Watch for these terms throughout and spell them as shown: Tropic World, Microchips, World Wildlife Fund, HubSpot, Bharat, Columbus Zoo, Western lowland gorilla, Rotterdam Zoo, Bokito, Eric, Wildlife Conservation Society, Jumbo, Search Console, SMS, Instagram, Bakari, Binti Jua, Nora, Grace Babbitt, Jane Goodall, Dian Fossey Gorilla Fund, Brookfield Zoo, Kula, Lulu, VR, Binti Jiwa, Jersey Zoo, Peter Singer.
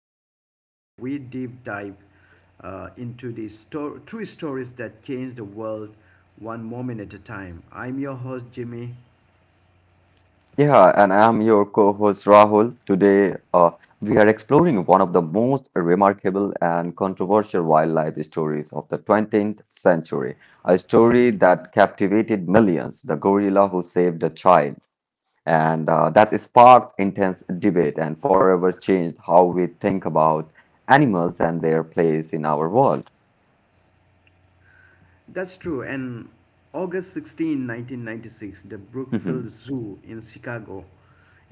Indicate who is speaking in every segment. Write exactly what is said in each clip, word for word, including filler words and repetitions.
Speaker 1: the podcast where we deep dive uh, into the sto- true stories that change the world one moment at a time. I'm your host, Jimmy.
Speaker 2: Yeah, and I'm your co-host Rahul. Today, uh, we are exploring one of the most remarkable and controversial wildlife stories of the twentieth century, a story that captivated millions, the gorilla who saved a child, and uh, that sparked intense debate and forever changed how we think about animals and their place in our world.
Speaker 1: That's true. And August sixteenth, nineteen ninety-six, the Brookfield Zoo in Chicago,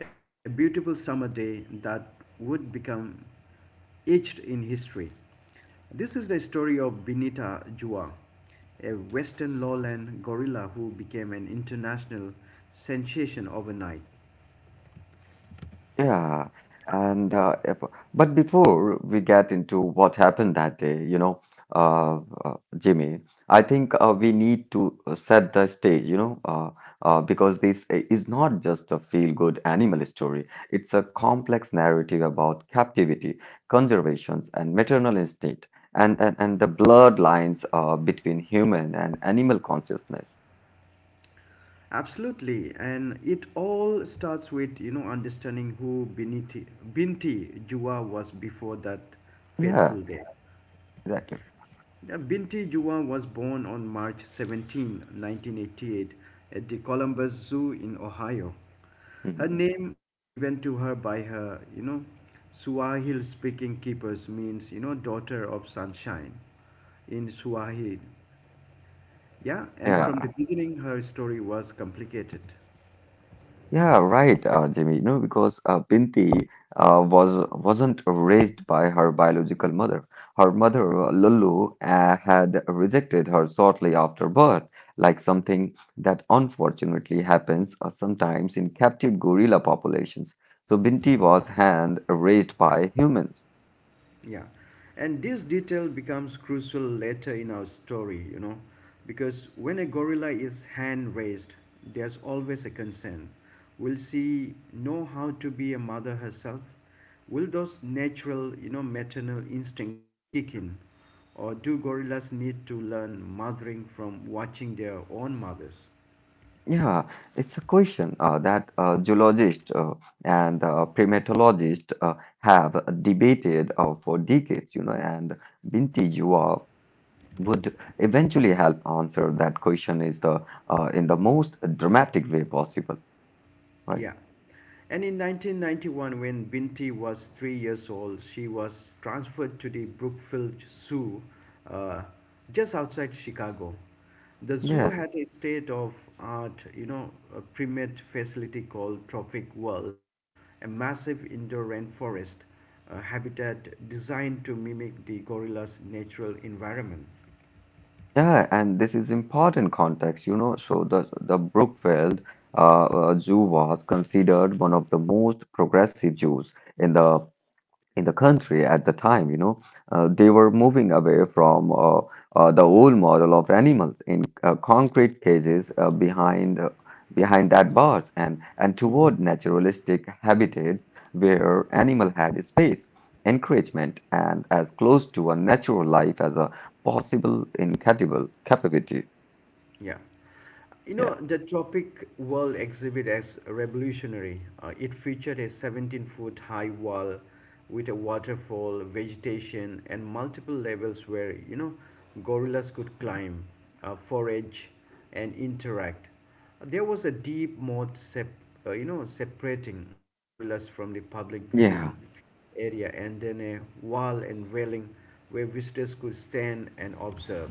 Speaker 1: a beautiful summer day that would become etched in history. This is the story of Benita Jua, a western lowland gorilla who became an international sensation overnight.
Speaker 2: Yeah, and uh, if- but before we get into what happened that day, you know, uh, uh, Jimmy, I think uh, we need to uh, set the stage, you know, uh, uh, because this i- is not just a feel-good animal story. It's a complex narrative about captivity, conservations, and maternal instinct, and and, and the blurred lines uh, between human and animal consciousness.
Speaker 1: Absolutely, and it all starts with you know understanding who Binti, Binti Jua was before that
Speaker 2: Yeah,
Speaker 1: fateful day.
Speaker 2: exactly.
Speaker 1: Yeah, Binti Juwa was born on March seventeenth, nineteen eighty-eight, at the Columbus Zoo in Ohio. Her
Speaker 2: Mhm.
Speaker 1: name, given to her by her you know, Swahili speaking keepers, means you know, daughter of sunshine in Swahili. Yeah, and from the
Speaker 2: Yeah.
Speaker 1: beginning, her story was complicated.
Speaker 2: Yeah, right, uh, Jimmy. You know, because uh, Binti uh, was wasn't raised by her biological mother. Her mother, uh, Lulu, uh, had rejected her shortly after birth, like something that unfortunately happens uh, sometimes in captive gorilla populations. So Binti was hand raised by humans.
Speaker 1: Yeah, and this detail becomes crucial later in our story, you know, because when a gorilla is hand raised, there's always a concern. Will she know how to be a mother herself? Will those natural, you know, maternal instincts kick in? Or do gorillas need to learn mothering from watching their own mothers?
Speaker 2: Yeah, it's a question uh, that uh, zoologists uh, and uh, primatologists uh, have debated uh, for decades, you know, and Binti war would eventually help answer that question is the uh, in the most dramatic way possible, right?
Speaker 1: Yeah. And in nineteen ninety-one, when Binti was three years old, she was transferred to the Brookfield Zoo, uh, just outside Chicago. The zoo
Speaker 2: Yes.
Speaker 1: had a state of art, you know, a primate facility called Tropic World, a massive indoor rainforest uh, habitat designed to mimic the gorilla's natural environment.
Speaker 2: Yeah, and this is important context, you know. So the the Brookfield uh, uh, Zoo was considered one of the most progressive zoos in the in the country at the time, you know, uh, they were moving away from uh, uh, the old model of animals in uh, concrete cages uh, behind uh, behind that bars and and toward naturalistic habitat where animal had space, encouragement, and as close to a natural life as a possible in capable capability.
Speaker 1: Yeah. You know,
Speaker 2: Yeah.
Speaker 1: the Tropic World exhibit as revolutionary. Uh, it featured a seventeen foot high wall with a waterfall, vegetation, and multiple levels where, you know, gorillas could climb, uh, forage, and interact. There was a deep moat sep- uh, you know, separating the gorillas from the public viewing
Speaker 2: Yeah.
Speaker 1: area, and then a wall and railing where visitors could stand and observe.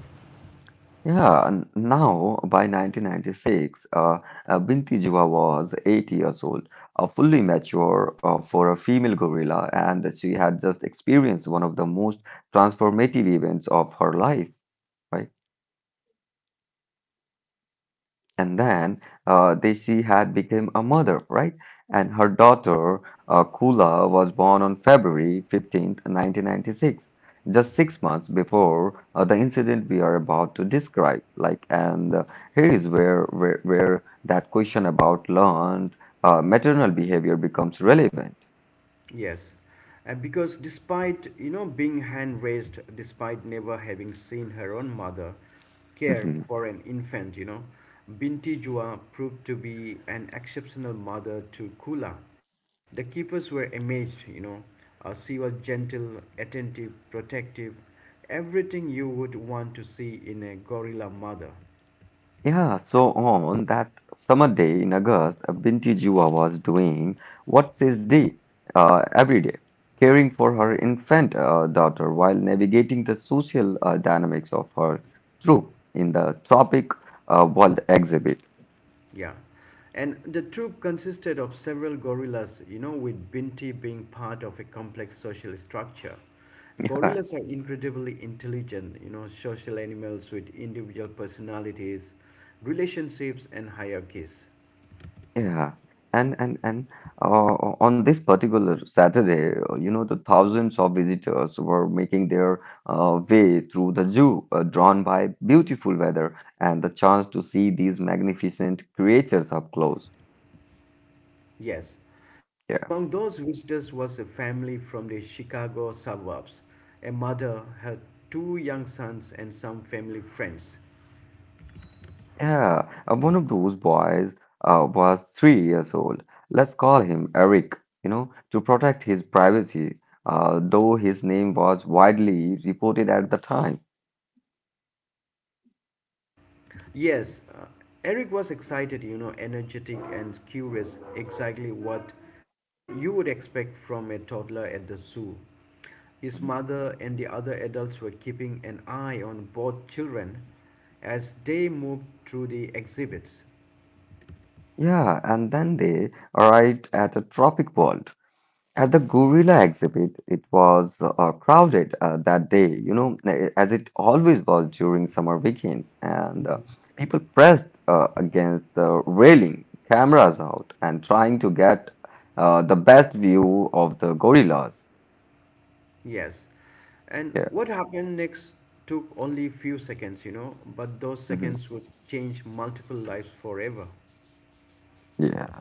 Speaker 2: Yeah, and now by nineteen ninety-six, uh, uh, Binti Jiva was eight years old, uh, fully mature uh, for a female gorilla, and she had just experienced one of the most transformative events of her life, right? And then uh, Desi had become a mother, right? And her daughter, uh, Kula, was born on February fifteenth, nineteen ninety-six, just six months before uh, the incident we are about to describe. Like, and uh, here is where, where, where that question about learned uh, maternal behavior becomes relevant.
Speaker 1: Yes, uh, because despite you know being hand raised, despite never having seen her own mother care for an infant, you know, Binti Jua proved to be an exceptional mother to Kula. The keepers were amazed, you know. Uh, she was gentle, attentive, protective, everything you would want to see in a gorilla mother.
Speaker 2: Yeah, so on that summer day in August, uh, Binti Jua was doing what says day uh, every day, caring for her infant uh, daughter while navigating the social uh, dynamics of her troop in the Tropic uh, World exhibit.
Speaker 1: Yeah. And the troop consisted of several gorillas, you know, with Binti being part of a complex social structure. Gorillas are incredibly intelligent, you know, social animals with individual personalities, relationships, and hierarchies.
Speaker 2: Yeah, and and and uh, o- on this particular Saturday, uh, you know, the thousands of visitors were making their uh, way through the zoo, uh, drawn by beautiful weather and the chance to see these magnificent creatures up close.
Speaker 1: Yes. And
Speaker 2: Yeah,
Speaker 1: among those visitors was a family from the Chicago suburbs. A mother, her two young sons, and some family friends.
Speaker 2: yeah. Uh, one of those boys uh, was three years old. Let's call him Eric, you know, to protect his privacy, uh, though his name was widely reported at the time.
Speaker 1: Yes, uh, Eric was excited, you know, energetic and curious, exactly what uh, you would expect from a toddler at the zoo. His mother and the other adults were keeping an eye on both children as they moved through the exhibits.
Speaker 2: Yeah, and then they arrived at a Tropic World. At the gorilla exhibit, it was uh, crowded uh, that day, you know, eh, as it always was during summer weekends. And uh, people pressed uh, against the railing, cameras out, and trying to get uh, the best view of the gorillas.
Speaker 1: Yes. And
Speaker 2: Yeah.
Speaker 1: what happened next took only a few seconds, you know, but those
Speaker 2: Mhm.
Speaker 1: seconds would change multiple lives forever.
Speaker 2: Yeah.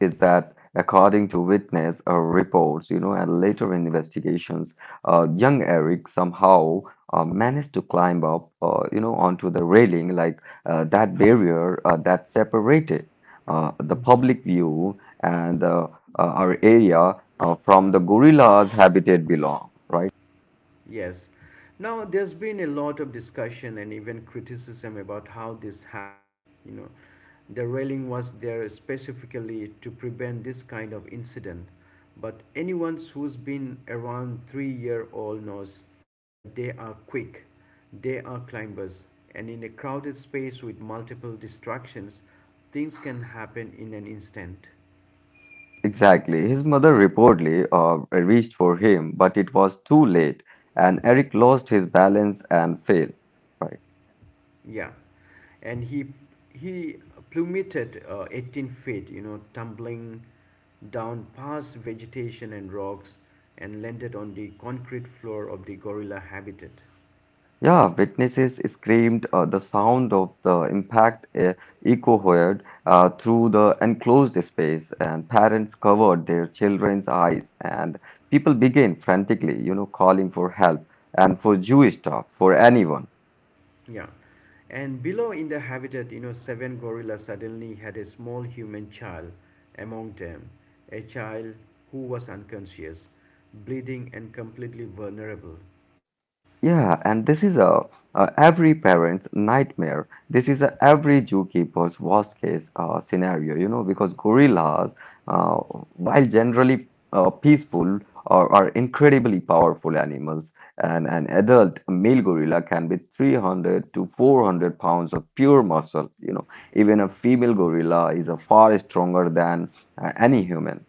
Speaker 2: Is that according to witness uh, reports, you know, and later investigations, uh, young Eric somehow uh, managed to climb up, uh, you know, onto the railing, like uh, that barrier uh, that separated uh, the public view and uh, uh, our area uh, from the gorilla's habitat belong, right?
Speaker 1: Yes. Now, there's been a lot of discussion and even criticism about how this happened. You know, the railing was there specifically to prevent this kind of incident. But anyone who's been around three year old knows that they are quick, they are climbers, and in a crowded space with multiple distractions, things can happen in an instant.
Speaker 2: Exactly. His mother reportedly uh, reached for him, but it was too late, and Eric lost his balance and fell, right?
Speaker 1: Yeah, and he he plummeted uh, eighteen feet, you know, tumbling down past vegetation and rocks, and landed on the concrete floor of the gorilla habitat.
Speaker 2: Yeah, witnesses screamed. Uh, the sound of the impact uh, echoed uh, through the enclosed space, and parents covered their children's eyes, and people began frantically, you know, calling for help and for Jewish staff, for anyone.
Speaker 1: Yeah, and below in the habitat, you know, seven gorillas suddenly had a small human child among them, a child who was unconscious, bleeding, and completely vulnerable.
Speaker 2: Yeah, and this is a, a every parent's nightmare. This is a every zookeeper's worst case uh, scenario, you know, because gorillas, uh, while generally uh, peaceful, are, are incredibly powerful animals. And an adult male gorilla can be three hundred to four hundred pounds of pure muscle, you know. Even a female gorilla is a far stronger than uh, any human.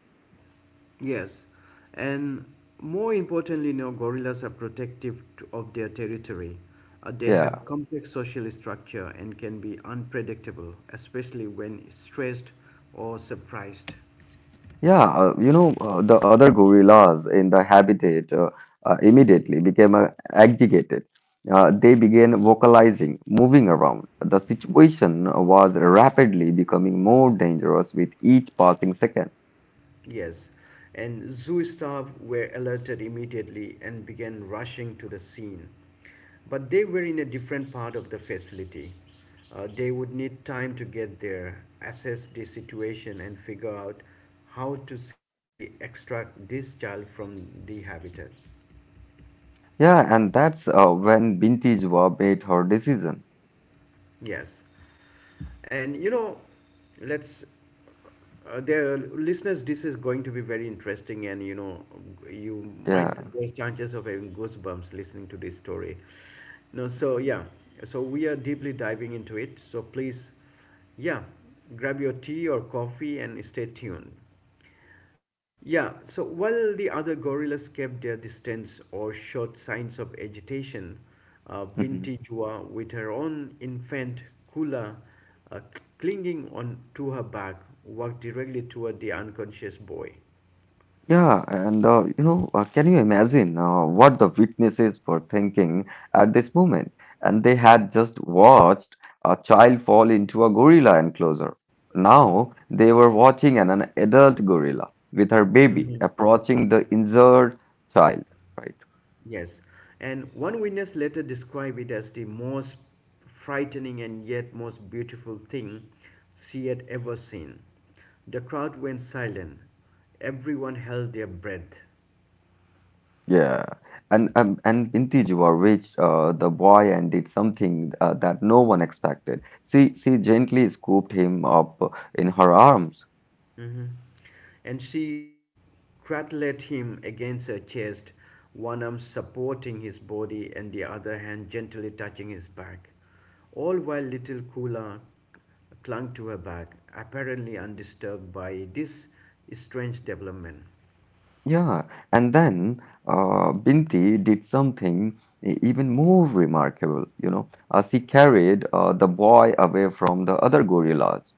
Speaker 1: Yes, and more importantly, you know, gorillas are protective t- of their territory. Uh, they
Speaker 2: Yeah.
Speaker 1: have complex social structure and can be unpredictable, especially when stressed or surprised.
Speaker 2: Yeah, uh, you know, uh, the other gorillas in the habitat uh, uh, immediately became uh, agitated. Uh, they began vocalizing, moving around. The situation was rapidly becoming more dangerous with each passing second.
Speaker 1: Yes, and zoo staff were alerted immediately and began rushing to the scene. But they were in a different part of the facility. Uh, they would need time to get there, assess the situation, and figure out how to safely extract this child from the habitat.
Speaker 2: Yeah, and that's uh, when Binti Jua made her decision.
Speaker 1: Yes. And you know, let's, uh, there, listeners, this is going to be very interesting, and you know, you might
Speaker 2: Yeah.
Speaker 1: there's chances of having goosebumps listening to this story. No, so yeah, so we are deeply diving into it. So please, yeah, grab your tea or coffee and stay tuned. Yeah, so while the other gorillas kept their distance or showed signs of agitation, uh, Binti Jua, with her own infant Kula uh, clinging on to her back, walked directly toward the unconscious boy.
Speaker 2: Yeah, and uh, you know, uh, can you imagine uh, what the witnesses were thinking at this moment? And they had just watched a child fall into a gorilla enclosure. Now they were watching an, an adult gorilla with her baby
Speaker 1: Hmm.
Speaker 2: approaching the injured child, right?
Speaker 1: Yes, and one witness later described it as the most frightening and yet most beautiful thing she had ever seen. The crowd went silent. Everyone held their breath.
Speaker 2: Yeah. And um, and Binti Juwa reached uh, the boy and did something uh, that no one expected. She she gently scooped him up in her arms.
Speaker 1: Mhm. And she cradled him against her chest, one arm supporting his body and the other hand gently touching his back, all while little Kula clung to her back, apparently undisturbed by this strange development.
Speaker 2: Yeah, and then uh, Binti did something e- even more remarkable, you know. Uh, she carried uh, the boy away from the other gorillas.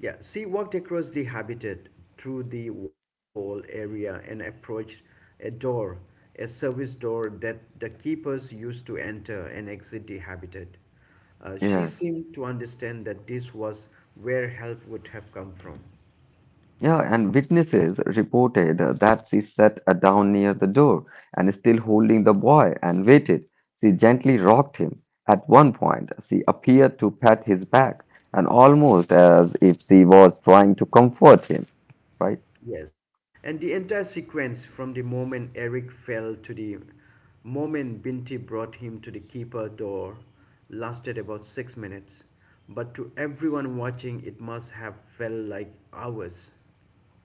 Speaker 1: Yeah, she walked across the habitat through the waterfall area and approached a door, a service door that the keepers used to enter and exit the habitat. Uh, she
Speaker 2: Yes.
Speaker 1: seemed to understand that this was where help would have come from.
Speaker 2: Yeah, and witnesses reported uh, that she sat uh, down near the door and still holding the boy and waited. She gently rocked him. At one point, she appeared to pat his back and almost as if she was trying to comfort him, right?
Speaker 1: Yes, and the entire sequence, from the moment Eric fell to the moment Binti brought him to the keeper door, lasted about six minutes, but to everyone watching, it must have felt like hours.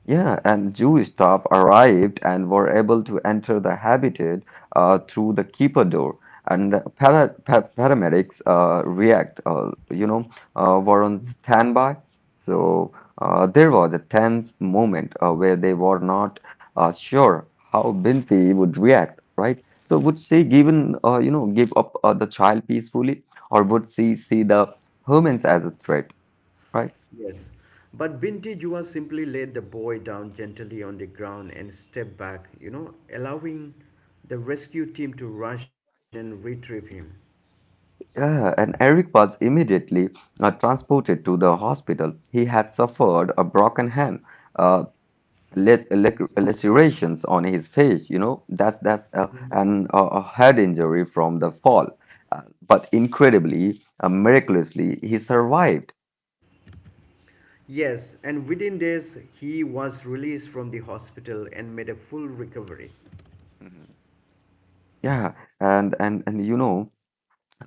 Speaker 2: Yeah, and Jew staff arrived and were able to enter the habitat uh, through the keeper door. And para pa- paramedics uh, react, uh, you know, uh, were on standby. So uh, there was a tense moment uh, where they were not uh, sure how Binti would react, right? So would she given, uh, you know, give up uh, the child peacefully, or would she see the humans as a threat, right?
Speaker 1: Yes, but Binti Jua simply laid the boy down gently on the ground and stepped back, you know, allowing the rescue team to rush in and retrieve him.
Speaker 2: Yeah, and Eric was immediately uh, transported to the hospital. He had suffered a broken hand, uh, la- lac- lacerations on his face, you know, that's that's uh, and uh, a head injury from the fall. Uh, but incredibly, uh, miraculously, he survived.
Speaker 1: Yes, and within days he was released from the hospital and made a full recovery.
Speaker 2: Mhm. Yeah. and and and you know.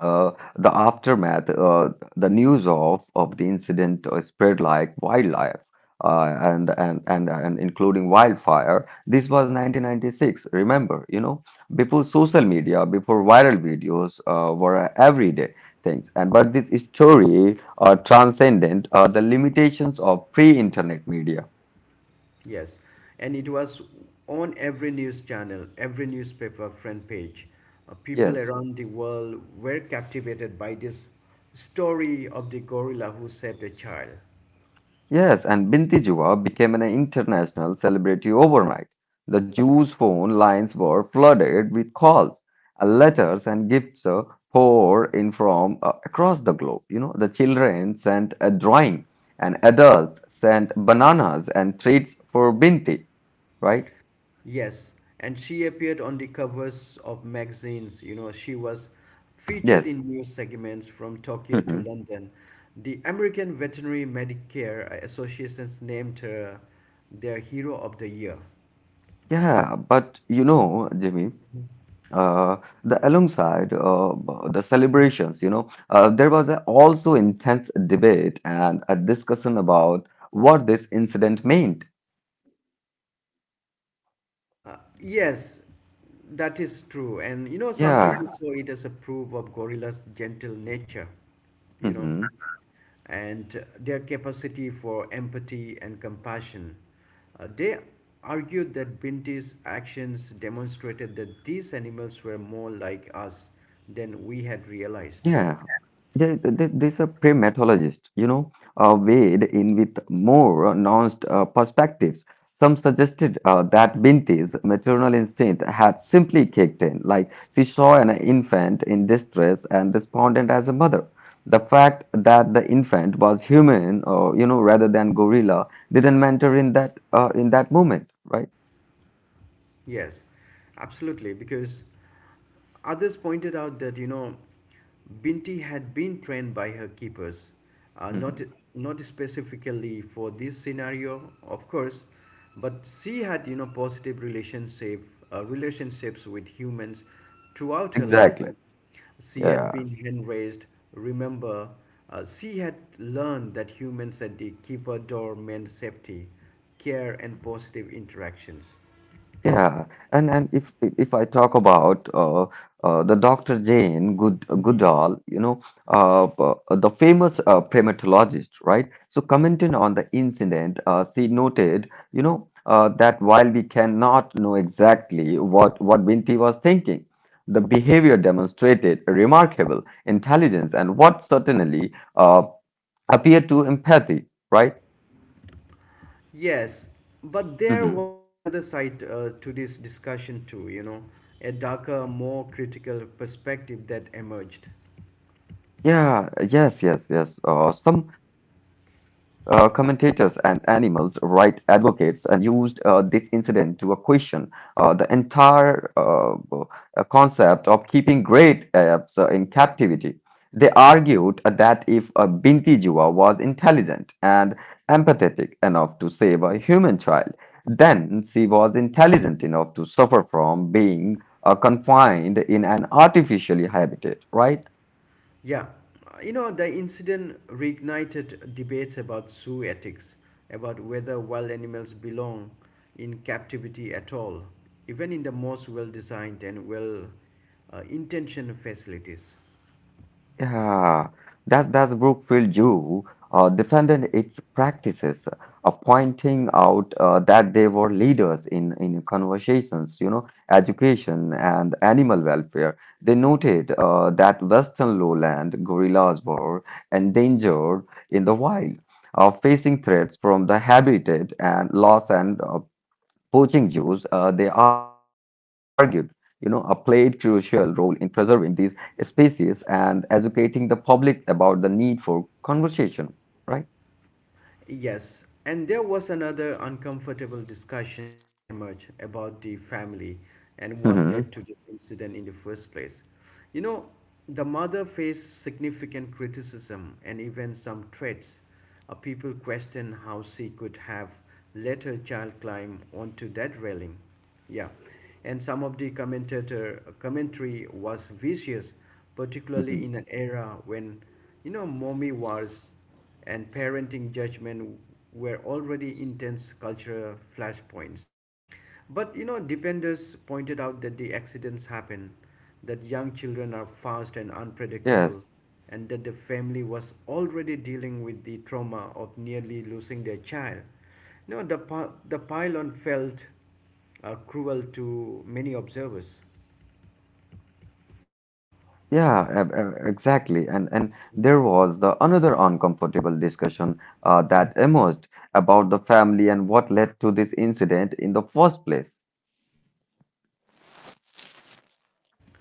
Speaker 2: Uh, the aftermath, uh, the news of, of the incident uh, spread like wildlife, uh, and, and, and, and including wildfire. This was nineteen ninety-six, remember, you know, before social media, before viral videos uh, were everyday things. And but this story uh, transcended uh, the limitations of pre-internet media.
Speaker 1: Yes, and it was on every news channel, every newspaper front page. Uh, people
Speaker 2: Yes.
Speaker 1: around the world were captivated by this story of the gorilla who saved a child.
Speaker 2: Yes, and Binti Juwa became an international celebrity overnight. The Jews' phone lines were flooded with calls, uh, letters, and gifts uh, poured in from uh, across the globe. You know, the children sent a drawing, and adults sent bananas and treats for Binti, right?
Speaker 1: Yes, and she appeared on the covers of magazines. You know, she was featured
Speaker 2: Yes.
Speaker 1: in news segments from Tokyo to
Speaker 2: Mhm.
Speaker 1: London. The American Veterinary Medicare Association named her their Hero of the Year.
Speaker 2: Yeah, but you know, Jimmy, uh, the alongside uh, the celebrations, you know, uh, there was a also intense debate and a discussion about what this incident meant.
Speaker 1: Uh, yes, that is true. And you know, some
Speaker 2: Yeah.
Speaker 1: people saw it as a proof of gorilla's gentle nature, you know,
Speaker 2: Mhm.
Speaker 1: and uh, their capacity for empathy and compassion. Uh, they argued that Binti's actions demonstrated that these animals were more like us than we had realized.
Speaker 2: Yeah, there, there- there's a pre-methodologist, you know, uh, weighed in with more nuanced uh, perspectives. Some suggested uh, that Binti's maternal instinct had simply kicked in, like she saw an infant in distress and despondent as a mother. The fact that the infant was human, uh, you know, rather than gorilla, didn't matter in that uh, in that moment, right?
Speaker 1: Yes, absolutely. Because others pointed out that, you know, Binti had been trained by her keepers, uh, not
Speaker 2: Mhm.
Speaker 1: not specifically for this scenario, of course, but she had you know positive relationship uh, relationships with humans throughout her life.
Speaker 2: Exactly.
Speaker 1: She had
Speaker 2: Yeah.
Speaker 1: been hand raised. Remember, uh, she had learned that humans at the keeper door meant safety, care, and positive interactions.
Speaker 2: Yeah, and and if if I talk about uh, uh, the Doctor Jane Good
Speaker 1: Mhm.
Speaker 2: Goodall, you know, uh, uh, the famous uh, primatologist, right? So commenting on the incident, uh, she noted, you know, uh, that while we cannot know exactly what what Binti was thinking, the behavior demonstrated remarkable intelligence and what certainly uh, appeared to empathy, right?
Speaker 1: Yes, but there
Speaker 2: Mm-hmm.
Speaker 1: was another side uh, to this discussion too, you know, a darker, more critical perspective that emerged.
Speaker 2: Yeah, yes, yes, yes. Uh, some uh, commentators and animals rights advocates and used uh, this incident to a question uh, the entire uh, uh, concept of keeping great apes uh, in captivity. They argued that if a Binti Jiva was intelligent and empathetic enough to save a human child, then she was intelligent enough to suffer from being uh, confined in an artificially habitat, right?
Speaker 1: Yeah, uh, you know, the incident reignited debates about zoo ethics, about whether wild animals belong in captivity at all, even in the most well designed and well uh, intentioned facilities.
Speaker 2: Yeah, does does Brookfield Jew uh, defended its practices, uh, pointing out uh, that they were leaders in in conversations, you know, education and animal welfare. They noted uh, that Western lowland gorillas were endangered in the wild, uh, facing threats from the habitat and loss and uh, poaching Jews, uh, they argued, you know, a played crucial role in preserving these species and educating the public about the need for conversation, right?
Speaker 1: Yes, and there was another uncomfortable discussion that emerged about the family and what
Speaker 2: Mhm,
Speaker 1: led to this incident in the first place. You know, the mother faced significant criticism and even some threats. Uh, people questioned how she could have let her child climb onto that railing. Yeah, and some of the commentator uh, commentary was vicious, particularly
Speaker 2: mhm.
Speaker 1: in an era when, you know, mommy wars and parenting judgment were already intense cultural flashpoints. But, you know, defenders pointed out that the accidents happen, that young children are fast and
Speaker 2: Yes.
Speaker 1: unpredictable, and that the family was already dealing with the trauma of nearly losing their child. You the, pi- the pylon felt uh, cruel to many observers.
Speaker 2: Yeah, e- e- exactly. And and there was the another uncomfortable discussion uh, that emerged about the family and what led to this incident in the first place.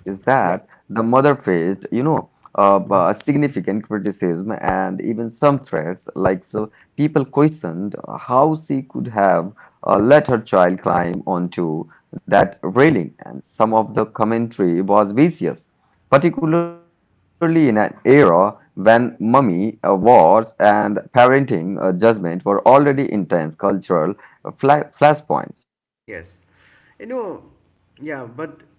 Speaker 2: Is
Speaker 1: Yeah.
Speaker 2: that the mother faced, you know, uh, uh, significant criticism and even some threats. Like, so people questioned how she could have uh, let her child climb onto that railing, and some of the commentary was vicious, particularly in an era when mummy uh, wars and parenting uh, judgment were already intense cultural fla flashpoints.
Speaker 1: Yes. You know, yeah, but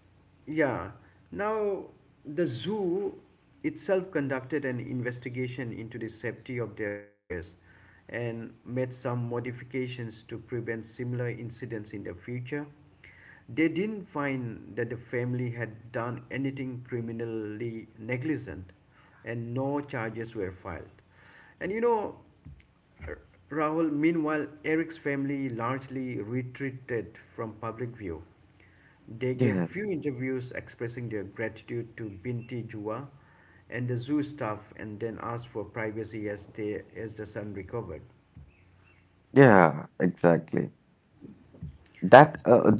Speaker 1: yeah. Now, the zoo itself conducted an investigation into the safety of their barriers and made some modifications to prevent similar incidents in the future. They didn't find that the family had done anything criminally negligent, and no charges were filed. And, you know, Rahul, meanwhile, Eric's family largely retreated from public view. They gave
Speaker 2: Yes.
Speaker 1: few interviews expressing their gratitude to Binti Jua and the zoo staff, and then asked for privacy as, they, as the son recovered.
Speaker 2: Yeah, exactly. That uh,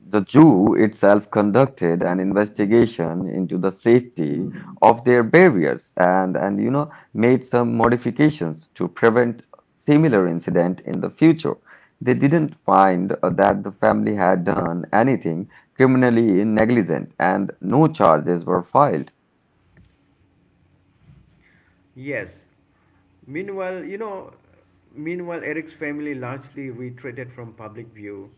Speaker 2: The Jew itself conducted an investigation into the safety of their barriers and, and you know made some modifications to prevent similar incident in the future. They didn't find uh, that the family had done anything criminally negligent and no charges were filed.
Speaker 1: Yes. Meanwhile, you know, meanwhile, Eric's family largely retreated from public view.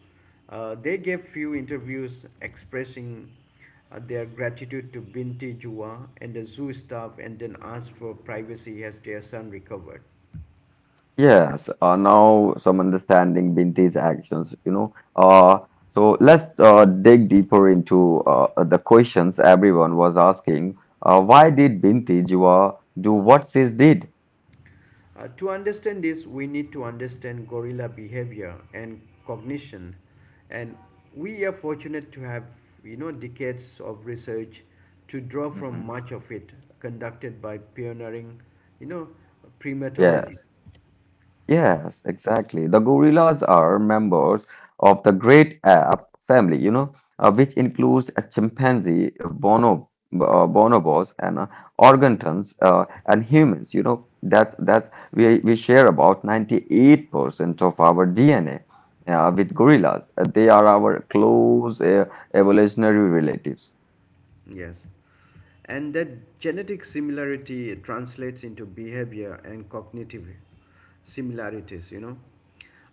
Speaker 1: Uh, they gave few interviews expressing uh, their gratitude to Binti Jua and the zoo staff, and then asked for privacy as their son recovered.
Speaker 2: Yes, uh, now some understanding Binti's actions. you know. Uh, so let's uh, dig deeper into uh, the questions everyone was asking. Uh, why did Binti Jua do what she did?
Speaker 1: Uh, to understand this, we need to understand gorilla behavior and cognition. And we are fortunate to have, you know, decades of research to draw from,
Speaker 2: Mhm.
Speaker 1: much of it conducted by pioneering, you know,
Speaker 2: Yes.
Speaker 1: primatologists.
Speaker 2: Yes, exactly. The gorillas are members of the great ape family, you know, uh, which includes a chimpanzee, uh, bono, uh, bonobos, and uh, orangutans, uh, and humans. You know, that's that's we we share about ninety-eight percent of our D N A uh, with gorillas. Uh, They are our close uh, evolutionary relatives.
Speaker 1: Yes. And that genetic similarity translates into behavior and cognitive similarities, you know.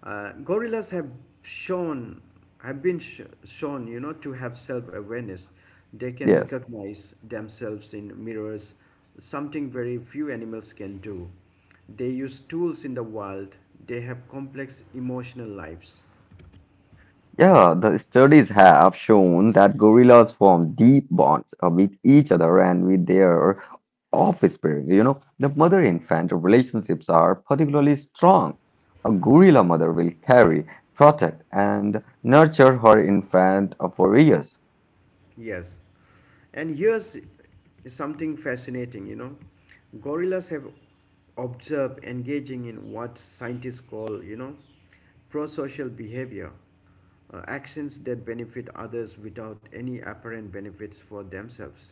Speaker 1: Uh, gorillas have shown, have been sh- shown, you know, to have self awareness. They can
Speaker 2: Yes.
Speaker 1: recognize themselves in mirrors, something very few animals can do. They use tools in the wild, they have complex emotional lives.
Speaker 2: Yeah, the studies have shown that gorillas form deep bonds uh, with each other and with their of spirit. You know, the mother infant relationships are particularly strong. A gorilla mother will carry, protect, and nurture her infant for years.
Speaker 1: Yes. And here's something fascinating, you know. Gorillas have observed engaging in what scientists call, you know, pro-social behavior, uh, actions that benefit others without any apparent benefits for themselves.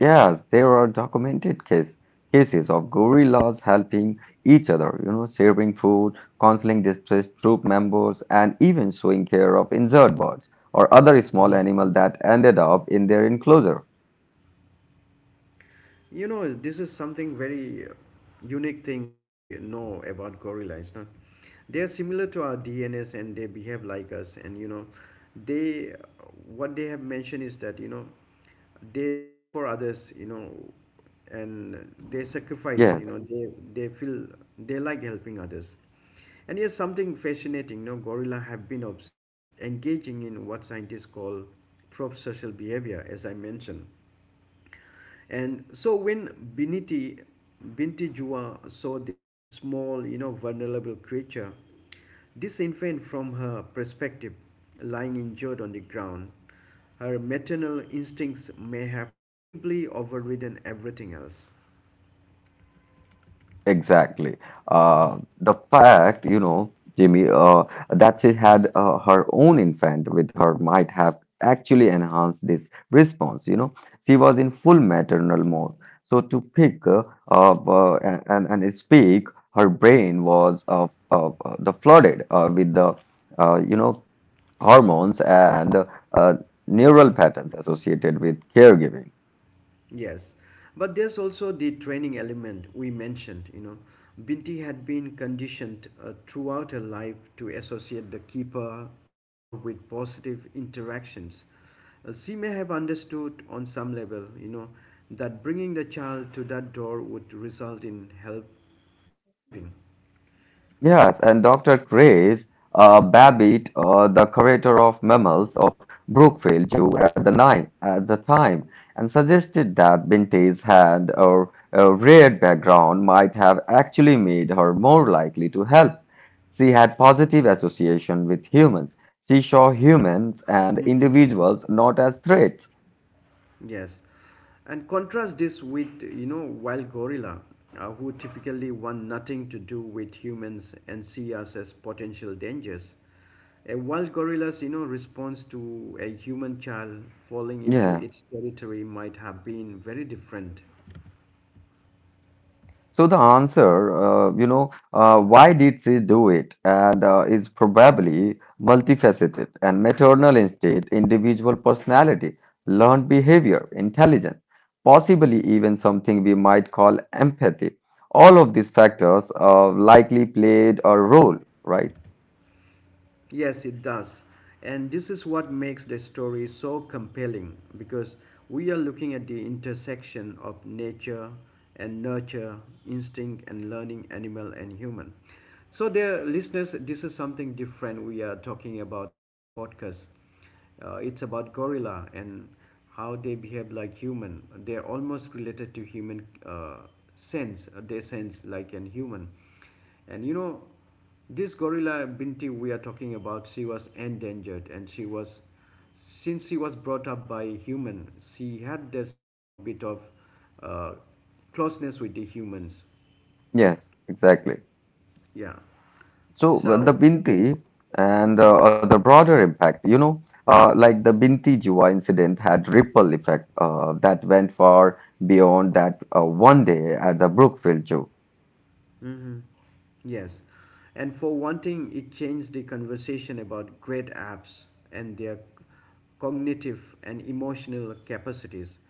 Speaker 2: Yes, there are documented case, cases of gorillas helping each other, you know, sharing food, counseling distressed troop members, and even showing care of injured birds or other small
Speaker 1: Mm.
Speaker 2: animal that ended up in their enclosure.
Speaker 1: You know, this is something very uh, unique thing we know about gorillas. No? They are similar to our D N S and they behave like us. And you know, they what they have mentioned is that you know they do for others. You know, and they sacrifice.
Speaker 2: Yes.
Speaker 1: You know, they they feel they like helping others. And here's something fascinating. You know, gorilla have been observed engaging in what scientists call prosocial behavior, as I mentioned. And so when Biniti, Binti Jua saw this small, you know, vulnerable creature, disinfant from her perspective, lying injured on the ground, her maternal instincts may have simply overridden everything else.
Speaker 2: Exactly. Uh, the fact, you know, Jimmy, uh, that she had uh, her own infant with her might have actually enhanced this response. You know, she was in full maternal mode. So to pick uh, up, uh, and, and and speak, her brain was uh, f- uh, uh, the flooded uh, with the uh, you know hormones and uh, neural patterns associated with caregiving.
Speaker 1: Yes, but there's also the training element we mentioned. You know, Binti had been conditioned uh, throughout her life to associate the keeper door with positive interactions. Uh, she may have understood on some level, you know, that bringing the child to that door would result in help arriving.
Speaker 2: Yes, and doctor Grace uh, Babbitt, uh, the curator of mammals of Brookfield Zoo at the, nine, at the time, and suggested that Binte's had a, a rare background might have actually made her more likely to help. She had positive association with humans. She saw humans and
Speaker 1: hmm
Speaker 2: individuals not as threats.
Speaker 1: Yes, and contrast this with, you know, wild gorilla, uh, who typically want nothing to do with humans and see us as potential dangers. A wild gorilla's, you know, response to a human child falling into
Speaker 2: Yeah.
Speaker 1: its territory might have been very different.
Speaker 2: So the answer, uh, you know, uh, why did she do it, and uh, is probably multifaceted and maternal instinct, individual personality, learned behavior, intelligence, possibly even something we might call empathy. All of these factors uh, likely played a role, right?
Speaker 1: Yes, it does. And this is what makes the story so compelling because we are looking at the intersection of nature and nurture, instinct and learning, animal and human. So, dear listeners, this is something different we are talking about in this podcast. Uh, it's about gorilla and how they behave like human. They're almost related to human uh, sense. They sense like an human. And you know, this gorilla Binti we are talking about, she was endangered, and she was, since she was brought up by human, she had this, you know, bit of uh, closeness with the humans.
Speaker 2: Yes, exactly.
Speaker 1: Yeah.
Speaker 2: So well, the
Speaker 1: So.
Speaker 2: Binti and uh, uh, the broader impact, you know, uh, like the Binti Jiwa incident had ripple effect uh, that went far beyond that uh, one day at the Brookfield Zoo.
Speaker 1: Mm-hmm. Yes. And for one thing, it changed the conversation about great apps and their cognitive and emotional capacities.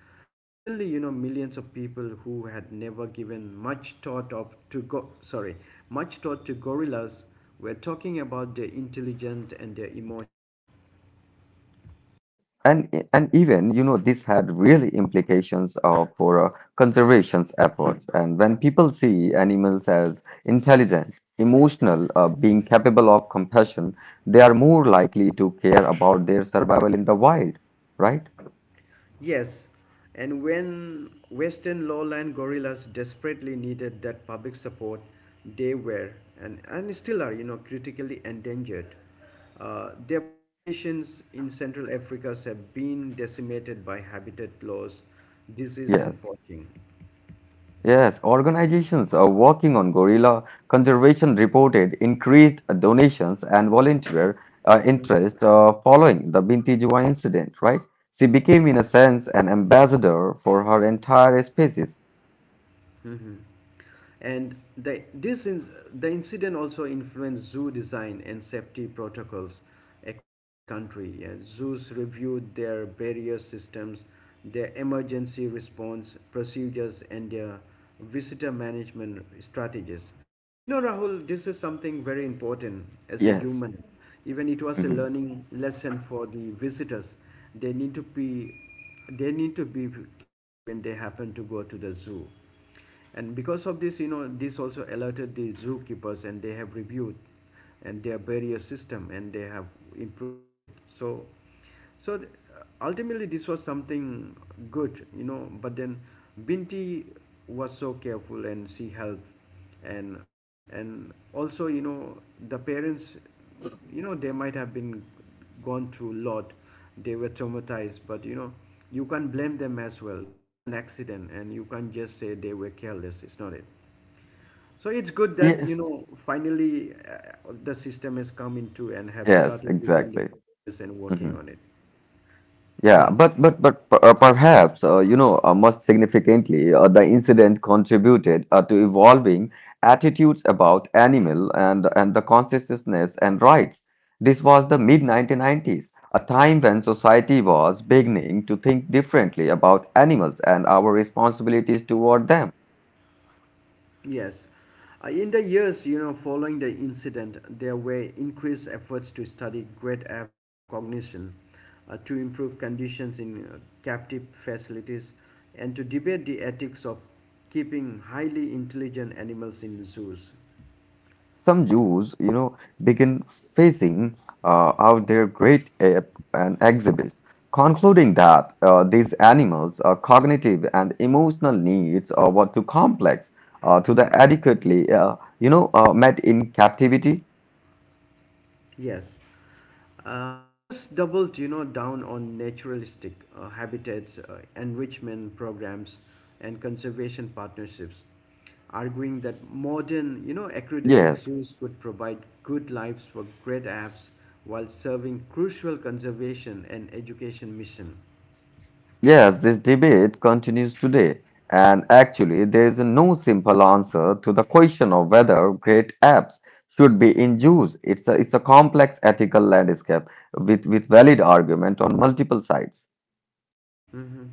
Speaker 1: Suddenly, you know, millions of people who had never given much thought of to go sorry, much thought to gorillas were talking about their intelligence and their emotion.
Speaker 2: And, and even, you know, this had really implications uh, for uh, conservation efforts. And when people see animals as intelligent, emotional, uh, being capable of compassion, they are more likely to care about their survival in the wild, right?
Speaker 1: Yes, and when Western lowland gorillas desperately needed that public support, they were and, and still are, you know, critically endangered. Uh, their populations in Central Africa have been decimated by habitat loss, disease,
Speaker 2: Yes.
Speaker 1: and poaching.
Speaker 2: Yes, organizations are working on gorilla conservation reported increased donations and volunteer uh, interest uh, following the Binti Juwa incident, right? She became, in a sense, an ambassador for her entire species.
Speaker 1: Mhm. And the, this in, the incident also influenced zoo design and safety protocols across the country. And zoos reviewed their barrier systems, their emergency response procedures, and their visitor management strategies. You know, Rahul, this is something very important as a
Speaker 2: Yes.
Speaker 1: human. Even it was a
Speaker 2: Mhm.
Speaker 1: learning lesson for the visitors. They need to be, they need to be careful when they happen to go to the zoo, and because of this, you know, this also alerted the zookeepers and they have reviewed and their barrier system and they have improved on it. So, so th- ultimately this was something good, you know, but then Binti was so careful and she helped, and and also, you know, the parents, you know, they might have been gone through a lot, they were traumatized, but you know, you can't blame them as well, it's an accident and you can't just say they were careless, it's not it. So it's good that,
Speaker 2: Yes.
Speaker 1: you know, finally uh, the system has come into and have
Speaker 2: Yes,
Speaker 1: started within the
Speaker 2: exactly.
Speaker 1: barriers and working
Speaker 2: Mhm.
Speaker 1: on it.
Speaker 2: Yeah,
Speaker 1: Yeah.
Speaker 2: but but but per- uh, perhaps uh, you know uh, most significantly, uh, the incident contributed uh, to evolving attitudes about animal and and the consciousness and rights. This was the mid-nineteen nineties, a time when society was beginning to think differently about animals and our responsibilities toward them.
Speaker 1: Yes. Uh, in the years, you know, following the incident, there were increased efforts to study great ape cognition, uh, to improve conditions in uh, captive facilities, and to debate the ethics of keeping highly intelligent animals in zoos.
Speaker 2: Some Jews, you know, begin facing uh, out their great ape and exhibits, concluding that uh, these animals' uh, cognitive and emotional needs uh, were too complex uh, to the
Speaker 1: Mhm.
Speaker 2: adequately, uh, you know, uh, met in captivity.
Speaker 1: Yes. Uh, others doubled, you know, down on naturalistic uh, habitats, uh, enrichment programs, and conservation partnerships, arguing that modern, you know, accredited
Speaker 2: Yes.
Speaker 1: zoos could provide good lives for great apes while serving crucial conservation and education mission.
Speaker 2: Yes, this debate continues today, and actually, there is no simple answer to the question of whether great apps should be in use. It's a, it's a complex ethical landscape with, with valid argument on multiple sides.
Speaker 1: Mhm.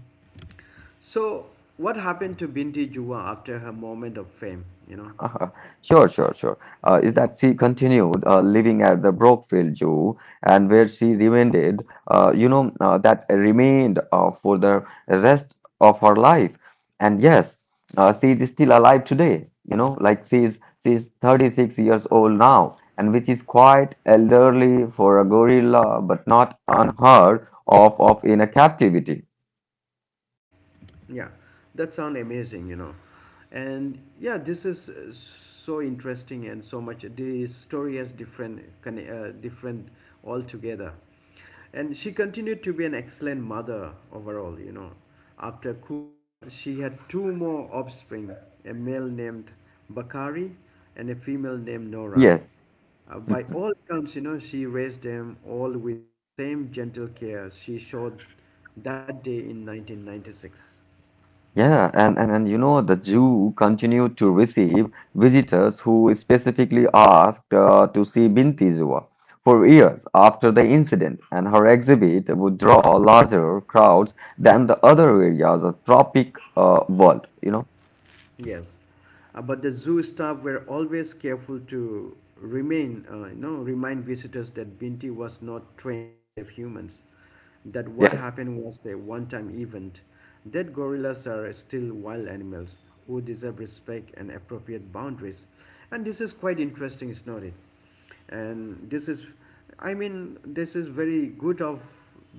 Speaker 1: So, what happened to Binti Juwa after her moment of fame? You know.
Speaker 2: Uh-huh. Sure, sure, sure. Uh, is that she continued uh, living at the Brookfield Zoo and where she remained, uh, you know, uh, that remained uh, for the rest of her life. And yes, uh, she is still alive today, you know, like she's she's thirty-six years old now, and which is quite elderly for a gorilla, but not unheard of, of in a captivity.
Speaker 1: Yeah, that sound amazing, you know. And yeah, this is uh, so interesting and so much. The story has different, conne- uh, different altogether. And she continued to be an excellent mother overall, you know. After Kula, she had two more offspring, a male named Bakari and a female named Nora.
Speaker 2: Yes.
Speaker 1: Uh, by all accounts, you know, she raised them all with the same gentle care she showed that day in nineteen ninety-six.
Speaker 2: Yeah, and, and, and you know, the zoo continued to receive visitors who specifically asked uh, to see Binti Zua for years after the incident, and her exhibit would draw larger crowds than the other areas of tropic uh, world, you know?
Speaker 1: Yes, uh, but the zoo staff were always careful to remain, uh, you know, remind visitors that Binti was not trained to save humans, that what
Speaker 2: Yes,
Speaker 1: happened was a one-time event, that gorillas are still wild animals who deserve respect and appropriate boundaries, and this is quite interesting, is not it? And this is, I mean, this is very good of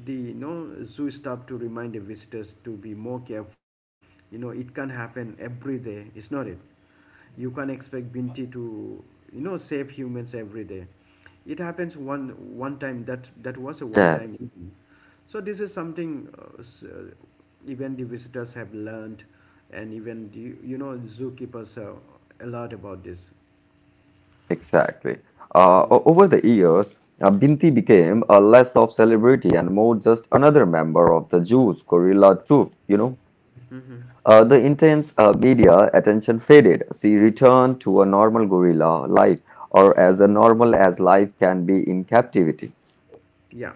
Speaker 1: the, you know, zoo staff to remind the visitors to be more careful. You know, it can happen every day, it's not it. You can't expect Binti to, you know, save humans every day. It happens one one time, that that was a one time
Speaker 2: yes,
Speaker 1: event. So this is something uh, s- uh, even the visitors have learned, and even the, you know, zookeepers are a lot about this.
Speaker 2: exactly. Uh, o- over the years, uh, Binti became a less of celebrity and more just another member of the Jews gorilla troop, you know?
Speaker 1: hmm
Speaker 2: Uh, the intense uh, media attention faded. She returned to a normal gorilla life, or as a normal as life can be in captivity.
Speaker 1: Yeah.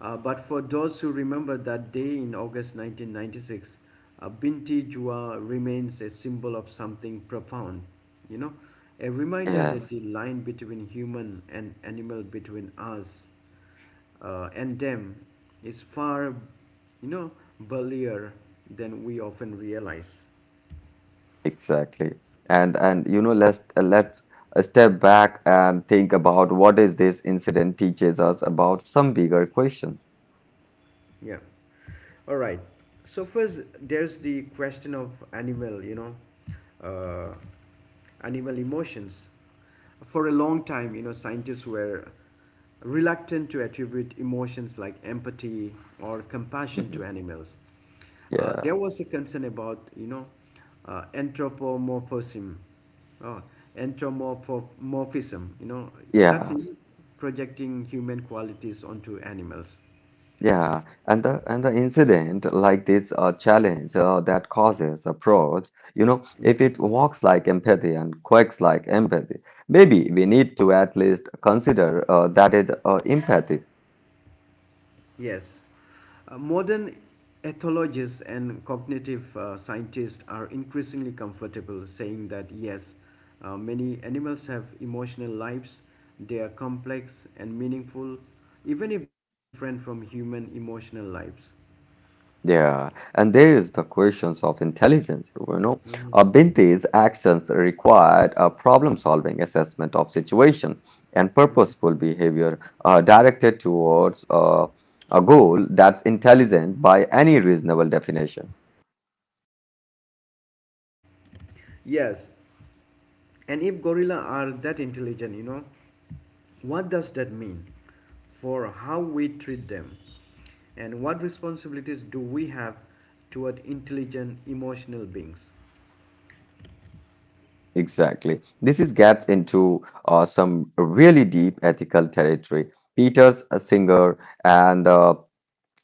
Speaker 1: Uh, but for those who remember that day in August nineteen ninety-six, uh, Binti Jua remains a symbol of something profound, you know, a reminder that the
Speaker 2: Yes,
Speaker 1: line between human and animal, between us uh, and them, is far, you know, burlier than we often realize.
Speaker 2: exactly. And and you know, let's uh, let's uh, step back and think about what is this incident teaches us about some bigger question.
Speaker 1: Yeah. All right. So first, there's the question of animal, you know, uh, animal emotions. For a long time, you know, scientists were reluctant to attribute emotions like empathy or compassion to
Speaker 2: Mhm.
Speaker 1: animals. Uh,
Speaker 2: Yeah,
Speaker 1: there was a concern about, you know, uh, anthropomorphism, oh, anthropomorphism. You know, that's
Speaker 2: yeah.
Speaker 1: in projecting human qualities onto animals.
Speaker 2: Yeah, and the and the incident like this uh, challenge uh, that causes approach, you know, if it walks like empathy and quacks like empathy, maybe we need to at least consider uh, that is uh, empathy.
Speaker 1: Yes. Uh, modern ethologists and cognitive uh, scientists are increasingly comfortable saying that yes, uh, many animals have emotional lives, they are complex and meaningful, even if they are different from human emotional lives.
Speaker 2: Yeah, and there is the questions of intelligence. You know,
Speaker 1: Mhm.
Speaker 2: uh, Binti's actions required a problem-solving assessment of situation and purposeful behavior uh, directed towards uh, a goal that's intelligent by any reasonable definition.
Speaker 1: Yes, and if gorilla are that intelligent, you know, what does that mean for how we treat them? And what responsibilities do we have toward intelligent emotional beings?
Speaker 2: Exactly. This is gets into uh, some really deep ethical territory. Peter's a singer and uh,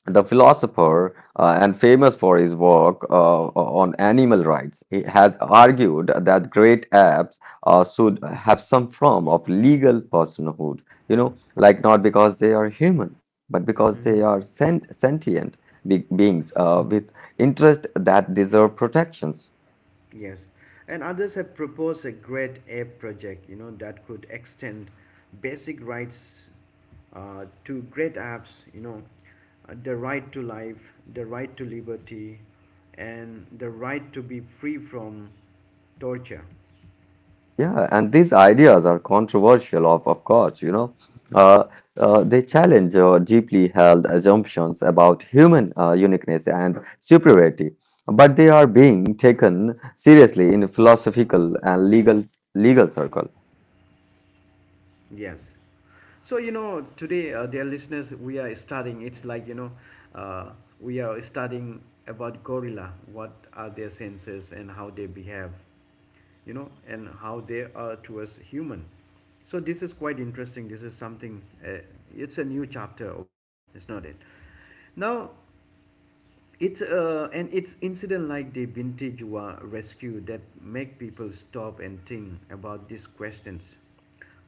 Speaker 2: the philosopher, uh, and famous for his work uh, on animal rights, he has argued that great apes uh, should have some form of legal personhood. You know, like not because they are human, but because they are sent sentient be beings uh, with interests that deserve protections.
Speaker 1: Yes. And others have proposed a great ape project, you know, that could extend basic rights uh, to great apps. You know, uh, the right to life, the right to liberty, and the right to be free from torture.
Speaker 2: Yeah, and these ideas are controversial, of, of course, you know. Uh, uh, they challenge uh, deeply held assumptions about human uh, uniqueness and superiority, but they are being taken seriously in philosophical and legal legal circle.
Speaker 1: Yes. So, you know, today, uh, dear listeners, we are studying, it's like, you know, uh, we are studying about gorilla, what are their senses and how they behave, you know, and how they are towards human. So this is quite interesting. This is something, uh, it's a new chapter overall. It's not it? Now, it's uh, and it's incident like the Bintijwa rescue that make people stop and think about these questions,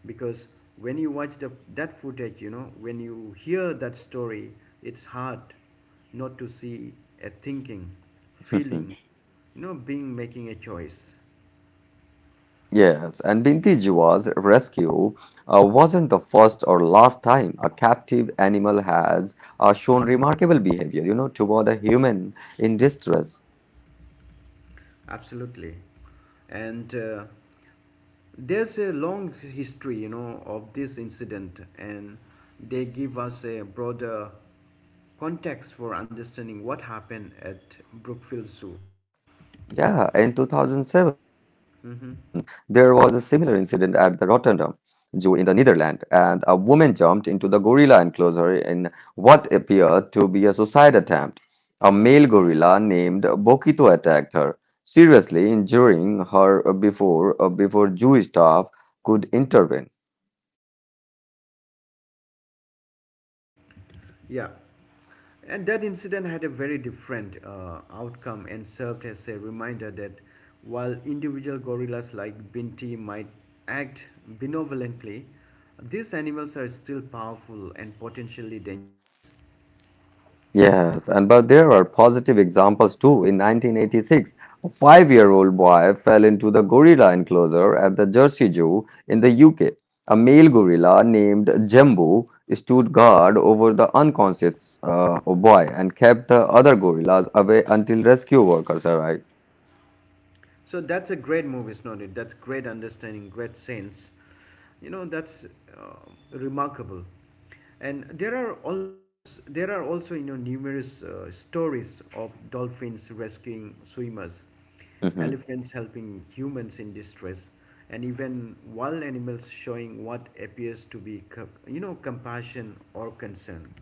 Speaker 1: because when you watch the, that footage, you know, when you hear that story, it's hard not to see a thinking, feeling, you know, being making a choice.
Speaker 2: Yes, and Binti Jiwa's rescue uh, wasn't the first or last time a captive animal has uh, shown
Speaker 1: Mhm.
Speaker 2: remarkable behavior, you know, toward a human in distress.
Speaker 1: Absolutely. And uh, there's a long history, you know, of this incident, and they give us a broader context for understanding what happened at Brookfield Zoo.
Speaker 2: Yeah, in two thousand seven, there was a
Speaker 1: hmm
Speaker 2: similar incident at the Rotterdam Zoo in the Netherlands, and a woman jumped into the gorilla enclosure in what appeared to be a suicide attempt. A male gorilla named Bokito attacked her, seriously injuring her before before Zoo staff could intervene.
Speaker 1: Yeah. And that incident had a very different uh, outcome and served as a reminder that while individual gorillas like Binti might act benevolently, these animals are still powerful and potentially dangerous.
Speaker 2: Yes, and but there are positive examples too. In nineteen eighty-six, a five-year-old boy fell into the gorilla enclosure at the Jersey Zoo in the U K. A male gorilla named Jumbo stood guard over the unconscious uh, boy and kept the other gorillas away until rescue workers arrived.
Speaker 1: So that's a great move, is not it? That's great understanding, great sense. You know, that's uh, remarkable. And there are almost there are also, you know, numerous uh, stories of dolphins rescuing swimmers,
Speaker 2: Mm-hmm.
Speaker 1: elephants helping humans in distress, and even wild animals showing what appears to be co- you know, compassion or concern.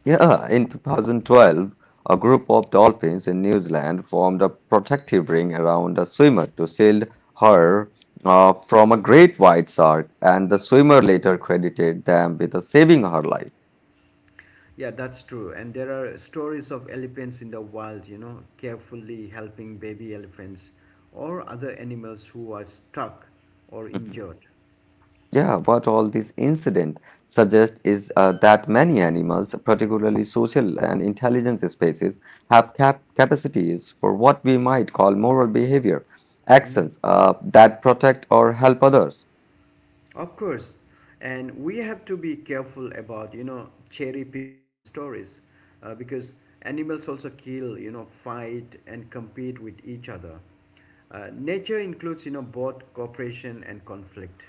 Speaker 2: Yeah, in twenty twelve, a group of dolphins in New Zealand formed a protective ring around a swimmer to shield her uh, from a great white shark, and the swimmer
Speaker 1: Mhm.
Speaker 2: later credited them with uh, saving her life.
Speaker 1: Yeah, that's true. And there are stories of elephants in the wild, you know, carefully helping baby elephants or other animals who are struck or
Speaker 2: Mhm.
Speaker 1: injured.
Speaker 2: Yeah, what all these incidents suggest is uh, that many animals, particularly social and intelligence species, have cap capacities for what we might call moral behavior,
Speaker 1: hmm
Speaker 2: actions uh, that protect or help others.
Speaker 1: Of course. And we have to be careful about, you know, cherry picking stories uh, because animals also kill, you know, fight and compete with each other. Uh, nature includes, you know, both cooperation and conflict.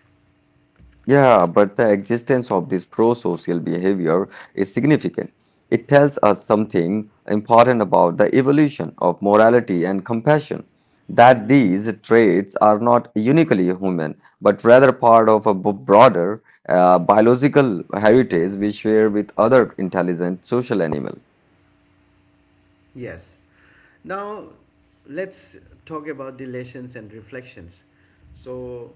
Speaker 2: Yeah, but the existence of this pro-social behavior is significant. It tells us something important about the evolution of morality and compassion, that
Speaker 1: hmm
Speaker 2: these traits are not uniquely human, but rather part of a b- broader uh, biological heritage we share with other intelligent social animals.
Speaker 1: Yes. Now, let's talk about the lessons and reflections. So,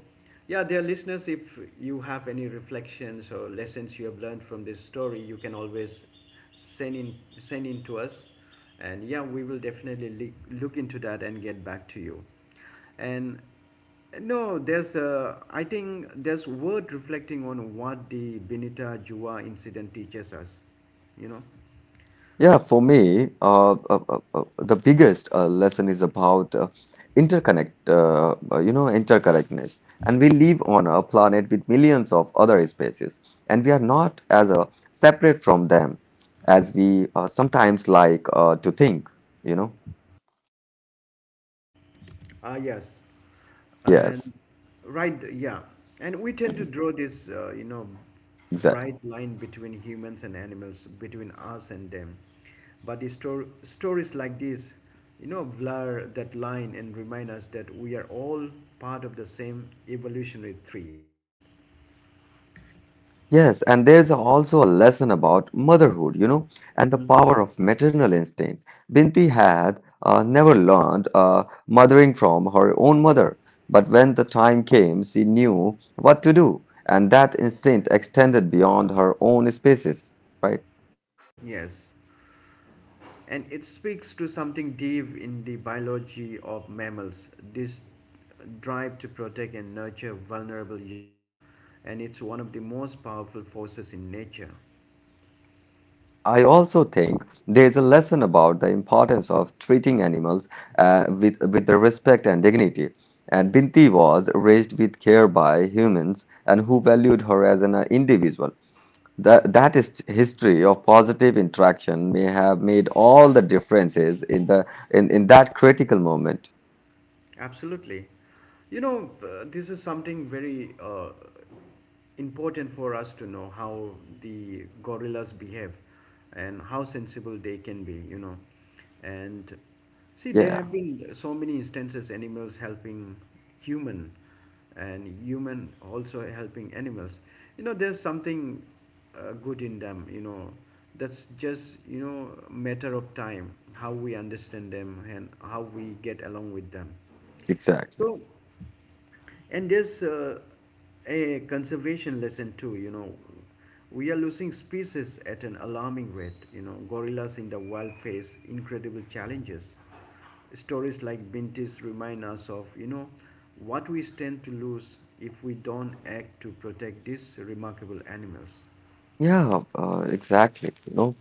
Speaker 1: yeah, dear listeners, if you have any reflections or lessons you have learned from this story, you can always send in send in to us, and yeah, we will definitely le- look into that and get back to you. And no, there's uh, I think there's worth reflecting on what the Benita Jua incident teaches us, you know.
Speaker 2: Yeah, for me, uh, uh, uh, uh, the biggest uh, lesson is about uh, interconnect, uh, uh, you know, interconnectedness. And we live on a planet with millions of other species, and we are not as uh, separate from them as we uh, sometimes like uh, to think, you know?
Speaker 1: Ah, yes. And
Speaker 2: Yes,
Speaker 1: right, yeah. And we tend to draw this, uh, you know,
Speaker 2: exactly.
Speaker 1: bright line between humans and animals, between us and them. But the stor- stories like this, you know, blur that line and remind us that we are all part of the same evolutionary tree.
Speaker 2: Yes, and there's also a lesson about motherhood, you know, and the power of maternal instinct. Binti had uh, never learned uh, mothering from her own mother, but when the time came, she knew what to do, and that instinct extended beyond her own spaces, right?
Speaker 1: Yes. And it speaks to something deep in the biology of mammals, this drive to protect and nurture vulnerable young, and it's one of the most powerful forces in nature.
Speaker 2: I also think there's a lesson about the importance of treating animals uh, with, with the respect and dignity. And Binti was raised with care by humans and who valued her as an uh, individual. That, that is history of positive interaction may have made all the differences in the in, in that critical moment.
Speaker 1: Absolutely. You know uh, this is something very uh, important for us to know how the gorillas behave and how sensible they can be, you know. And see, there
Speaker 2: Yeah,
Speaker 1: have been so many instances, animals helping human and human also helping animals. You know, there's something uh, good in them, you know. That's just, you know, matter of time how we understand them and how we get along with them.
Speaker 2: exactly.
Speaker 1: So, and there's uh, a conservation lesson too, you know. We are losing species at an alarming rate. You know, gorillas in the wild face incredible challenges. Stories like Binti's remind us of, you know, what we stand to lose if we don't act to protect these remarkable animals.
Speaker 2: Yeah, uh, exactly. You know,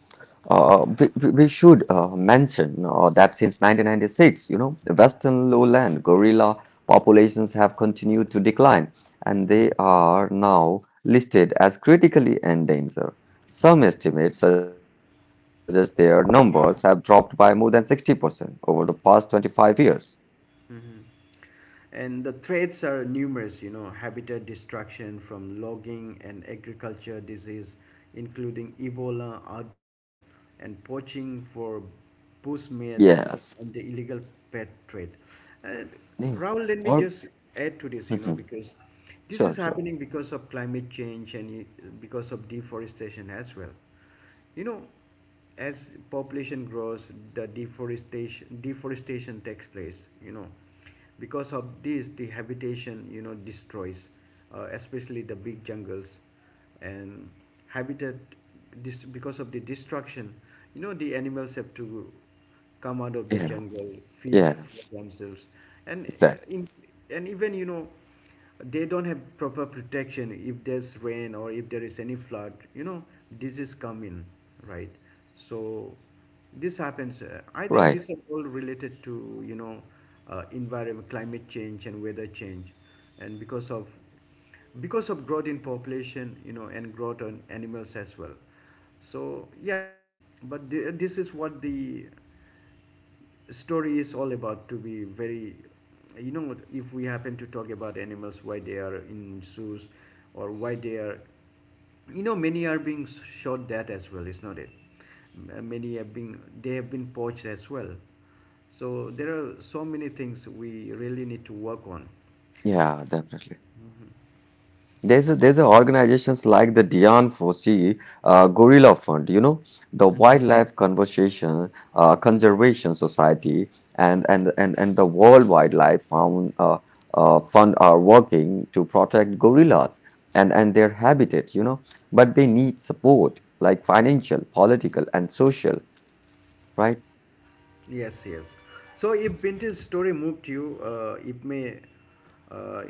Speaker 2: uh, we, we we should uh, mention uh, that since nineteen ninety-six, you know, the Western lowland gorilla populations have continued to decline, and they are now listed as critically endangered. Some estimates suggest their numbers have dropped by more than sixty percent over the past twenty-five years.
Speaker 1: And the threats are numerous, you know, habitat destruction from logging and agriculture disease, including Ebola outbreaks and poaching for bushmeat
Speaker 2: Yes.
Speaker 1: and the illegal pet trade. And
Speaker 2: Yeah.
Speaker 1: Raul, let me just add to this, you know,
Speaker 2: Mhm.
Speaker 1: because this
Speaker 2: Sure,
Speaker 1: is
Speaker 2: sure.
Speaker 1: happening because of climate change and uh, because of deforestation as well. You know, as population grows, the deforestation deforestation takes place. You know, because of this, the habitation, you know, destroys, uh, especially the big jungles, and habitat. This, because of the destruction, you know, the animals have to come out of the
Speaker 2: Yeah.
Speaker 1: jungle, feed
Speaker 2: Yes.
Speaker 1: for themselves, and uh,
Speaker 2: Exactly.
Speaker 1: in, and even, you know, they don't have proper protection. If there's rain or if there is any flood, you know, disease come in, right? So this happens. uh, I think
Speaker 2: Right.
Speaker 1: these are all related to, you know, uh, environment, climate change, and weather change, and because of, because of growth in population, you know, and growth on animals as well. So yeah, but th- this is what the story is all about. To be very, you know, if we happen to talk about animals, why they are in zoos or why they are, you know, many are being shot dead as well, is not it? M- many have been, they have been poached as well. So there are so many things we really need to work on.
Speaker 2: Yeah, definitely.
Speaker 1: Hmm.
Speaker 2: There's a, there's a organizations like the Dian Fossey uh, Gorilla Fund, you know, the
Speaker 1: Hmm.
Speaker 2: Wildlife Conservation uh, Conservation Society, and and and and the World Wildlife Fund uh, uh, Fund are working to protect gorillas and and their habitat, you know, but they need support like financial, political, and social, right?
Speaker 1: Yes, yes. So if Binti's story moved you, uh, it may, uh,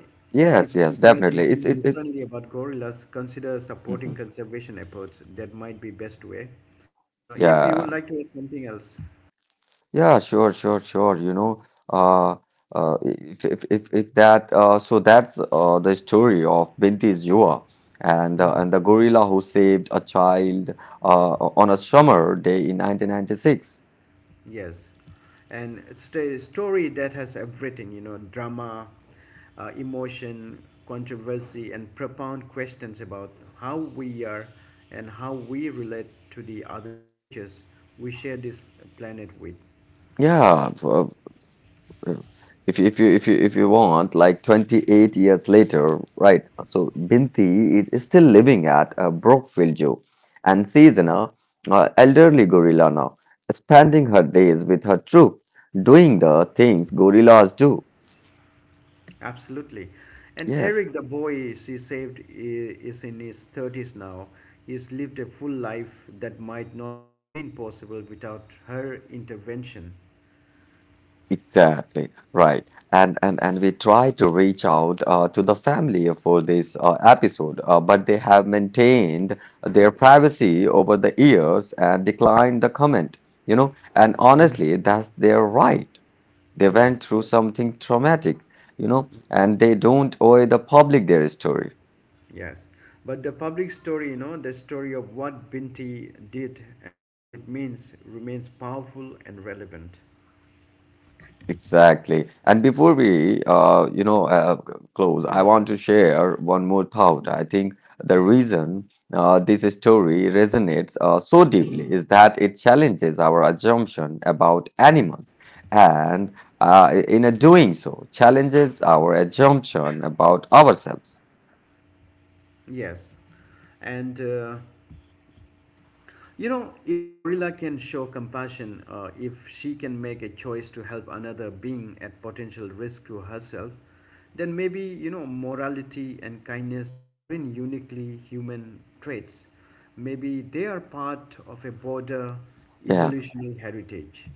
Speaker 1: if
Speaker 2: Yes, yes,
Speaker 1: it made you
Speaker 2: definitely. It's
Speaker 1: think
Speaker 2: it's it's.
Speaker 1: differently about gorillas, consider supporting
Speaker 2: Mhm.
Speaker 1: conservation efforts. That might be best way. You know, if you would
Speaker 2: Yeah.
Speaker 1: like to add something else.
Speaker 2: Yeah, sure, sure, sure. You know, uh, uh, if, if, if, if that, uh, so that's uh, the story of Binti Zua and, uh, and the gorilla who saved a child uh, on a summer day in nineteen ninety-six.
Speaker 1: Yes, and it's a story that has everything, you know, drama, uh, emotion, controversy, and profound questions about how we are and how we relate to the other creatures we share this planet with.
Speaker 2: Yeah, f- uh, uh, if you, if you if you if you want, like twenty-eight years later, right? So Binti is, is still living at uh, Brookfield Zoo, and she's an uh, uh, elderly gorilla now, spending her days with her troop, doing the things gorillas do.
Speaker 1: Absolutely. And
Speaker 2: Yes.
Speaker 1: Eric, the boy she saved, i- is in his thirties now. He's lived a full life that might not have been possible without her intervention.
Speaker 2: Exactly, right. And and and we try to reach out uh, to the family for this uh, episode, uh, but they have maintained their privacy over the years and declined the comment, you know. And
Speaker 1: Mm.
Speaker 2: honestly, that's their right. They went
Speaker 1: Yes.
Speaker 2: through something traumatic, you know, and they don't owe the public their story.
Speaker 1: Yes, but the public story, you know, the story of what Binti did and what it means remains powerful and relevant.
Speaker 2: Exactly. And before we, uh, you know, uh, close, I want to share one more thought. I think the reason uh, this story resonates uh, so deeply is that it challenges our assumption about animals, and uh, in a doing so, challenges our assumption about ourselves.
Speaker 1: Yes, and uh, you know, if Gorilla can show compassion, uh, if she can make a choice to help another being at potential risk to herself, then maybe, you know, morality and kindness aren't uniquely human traits. Maybe they are part of a broader
Speaker 2: Yeah.
Speaker 1: evolutionary heritage.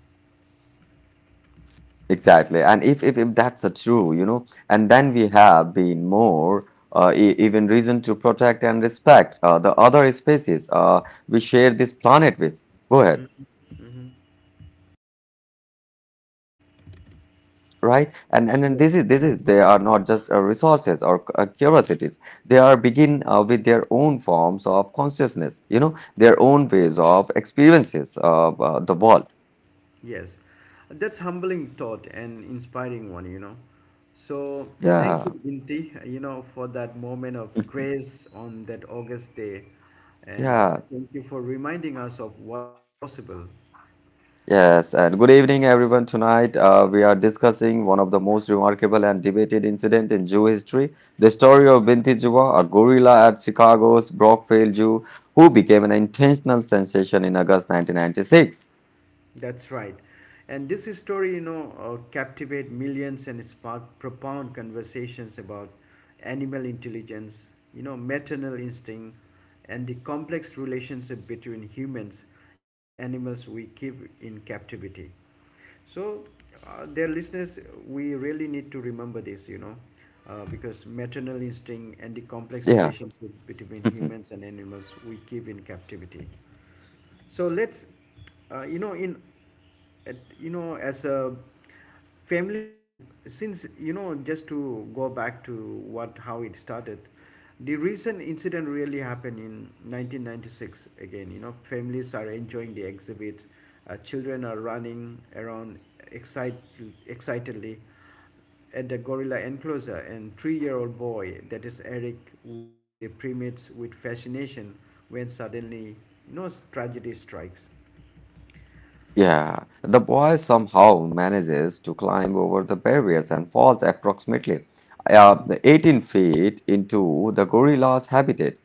Speaker 2: Exactly. And if, if, if that's a true, you know, and then we have been more uh, e- even reason to protect and respect uh, the other species uh, we share this planet with. Go ahead, right? And and then this is this is they are not just uh, resources or c- uh, curiosities. They are begin uh, with their own forms of consciousness, you know, their own ways of experiences of uh, the world.
Speaker 1: Yes, that's humbling thought and inspiring one, you know. So thank you,
Speaker 2: Yeah,
Speaker 1: Binti, you know, for that moment of grace on that August day, and
Speaker 2: yeah.
Speaker 1: thank you for reminding us of what's possible.
Speaker 2: Yes, and good evening, everyone. Tonight, uh, we are discussing one of the most remarkable and debated incident in Jew history, the story of Binti Juwa, a gorilla at Chicago's Brockville Zoo, who became an intentional sensation in August nineteen ninety-six.
Speaker 1: That's right. And this story, you know, uh, captivate millions and spark profound conversations about animal intelligence, you know, maternal instinct, and the complex relationship between humans and the animals we keep in captivity. So, uh, dear listeners, we really need to remember this, you know, uh, because maternal instinct and the complex
Speaker 2: Yeah.
Speaker 1: relationship between humans and animals we keep in captivity. So let's, uh, you know, in at, you know, as a families, since, you know, just to go back to what, how it started. The recent incident really happened in nineteen ninety-six. Again, you know, families are enjoying the exhibit, uh, children are running around excite, excitedly at the gorilla enclosure, and three-year-old boy, that is Eric, watching the primates with fascination when suddenly, no, tragedy strikes.
Speaker 2: Yeah, the boy somehow manages to climb over the barriers and falls approximately uh, eighteen feet into the gorilla's habitat.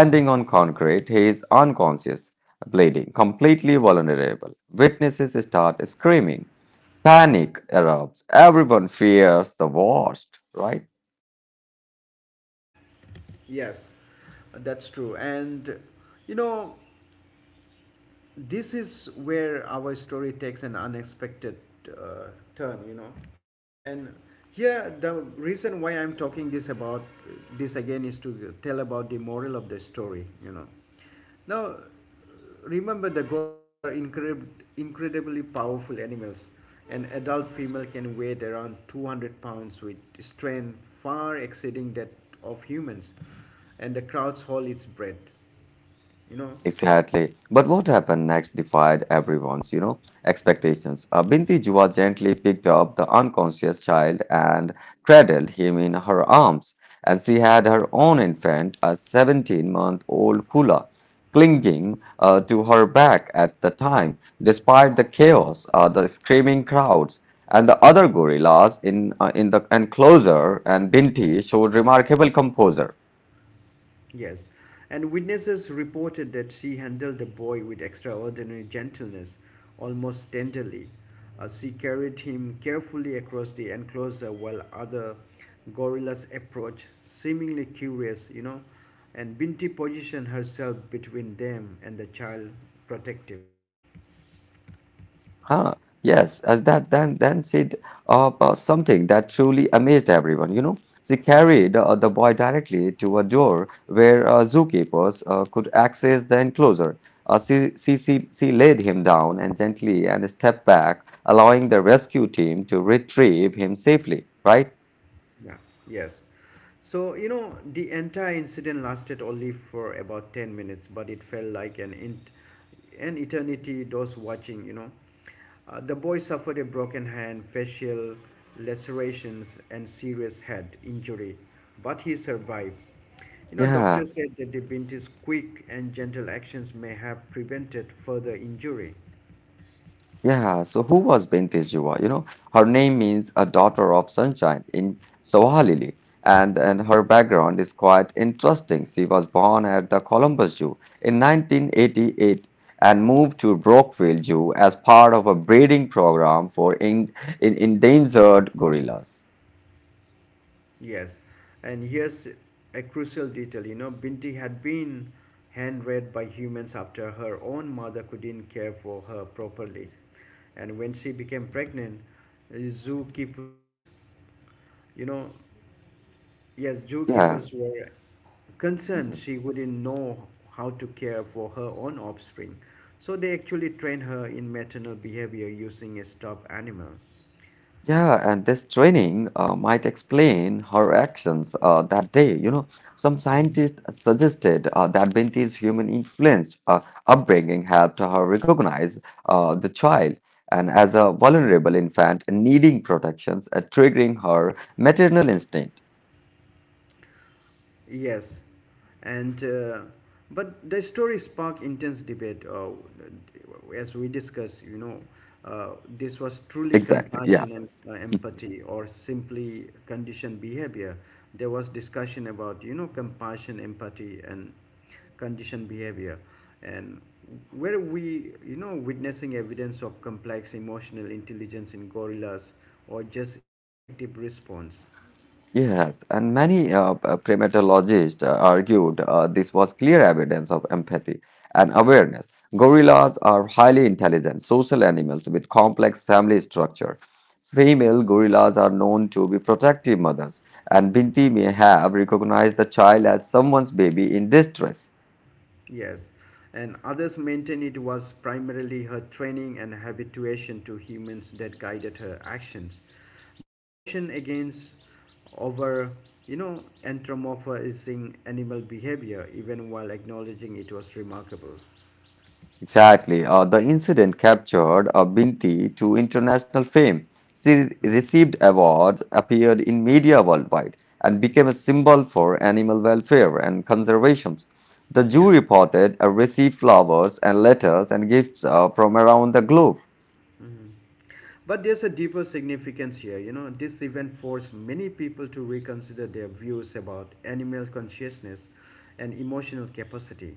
Speaker 1: Mhm.
Speaker 2: on concrete, he is unconscious, bleeding, completely vulnerable. Witnesses start screaming. Panic erupts. Everyone fears the worst, right?
Speaker 1: Yes, that's true. And you know, this is where our story takes an unexpected uh, turn, you know. And here, the reason why I'm talking this about this again is to tell about the moral of the story, you know. Now, remember, the gorillas are incredib- incredibly powerful animals. An adult female can weigh around two hundred pounds with strength far exceeding that of humans, and the crowds hold its breath, you know.
Speaker 2: Exactly. But what happened next defied everyone's, you know, expectations. Uh, Binti Jua gently picked up the unconscious child and cradled him in her arms. And she had her own infant, a seventeen-month-old Kula, clinging uh, to her back at the time. Despite the chaos, uh, the screaming crowds, and the other gorillas in, uh, in the enclosure, and Binti showed remarkable composure.
Speaker 1: Yes, and witnesses reported that she handled the boy with extraordinary gentleness, almost tenderly. Uh, she carried him carefully across the enclosure while other gorillas approached, seemingly curious, you know. And Binti positioned herself between them and the child, protective.
Speaker 2: Huh, yes, as that then then she up uh, something that truly amazed everyone. You know, she carried uh, the boy directly to a door where uh, zookeepers uh, could access the enclosure. Uh, she, she, she, she laid him down and gently and stepped back, allowing the rescue team to retrieve him safely, right?
Speaker 1: Yeah, yes. So, you know, the entire incident lasted only for about ten minutes, but it felt like an, int- an eternity those watching, you know. Uh, the boy suffered a broken hand, facial lacerations, and serious head injury, but he survived. You know,
Speaker 2: Yeah.
Speaker 1: doctors said that the Binti's quick and gentle actions may have prevented further injury.
Speaker 2: Yeah, so who was Binti Jiwa? You know, her name means a daughter of sunshine in Swahili, and, and her background is quite interesting. She was born at the Columbus Zoo in nineteen eighty-eight and moved to Brockville Zoo as part of a breeding program for in, in endangered gorillas.
Speaker 1: Yes, and here's a crucial detail. You know, Binti had been hand-reared by humans after her own mother couldn't care for her properly. And when she became pregnant, uh, zookeepers, you know, yes,
Speaker 2: Yeah.
Speaker 1: zookeepers were concerned
Speaker 2: Mm-hmm.
Speaker 1: she wouldn't know how to care for her own offspring. So they actually trained her in maternal behavior using a stuffed animal.
Speaker 2: Yeah, and this training uh, might explain her actions uh, that day. You know, some scientists suggested uh, that Binti's human influenced uh, upbringing helped her recognize uh, the child and as a vulnerable infant needing protections, uh, triggering her maternal instinct.
Speaker 1: Yes, and uh, but the story sparked intense debate. Uh, as we discussed, you know, uh, this was truly
Speaker 2: Exactly. Yeah.
Speaker 1: compassion and uh, empathy, or simply conditioned behavior. There was discussion about, you know, compassion, empathy, and conditioned behavior, and where we, you know, witnessing evidence of complex emotional intelligence in gorillas or just instinctive response.
Speaker 2: Yes, and many uh, p- primatologists uh, argued uh, this was clear evidence of empathy and awareness. Gorillas are highly intelligent, social animals with complex family structure. Female gorillas are known to be protective mothers, and Binti may have recognized the child as someone's baby in distress.
Speaker 1: Yes, and others maintain it was primarily her training and habituation to humans that guided her actions. They caution against over, you know, anthropomorphizing animal behavior, even while acknowledging it was remarkable.
Speaker 2: Exactly. Uh, the incident captured uh, Binti to international fame. She
Speaker 1: Mhm.
Speaker 2: received awards, appeared in media worldwide, and became a symbol for animal welfare and conservation. The zoo
Speaker 1: Yeah.
Speaker 2: reported uh, received flowers and letters and gifts uh, from around the globe.
Speaker 1: Mhm. But there's a deeper significance here. You know, this event forced many people to reconsider their views about animal consciousness and emotional capacity.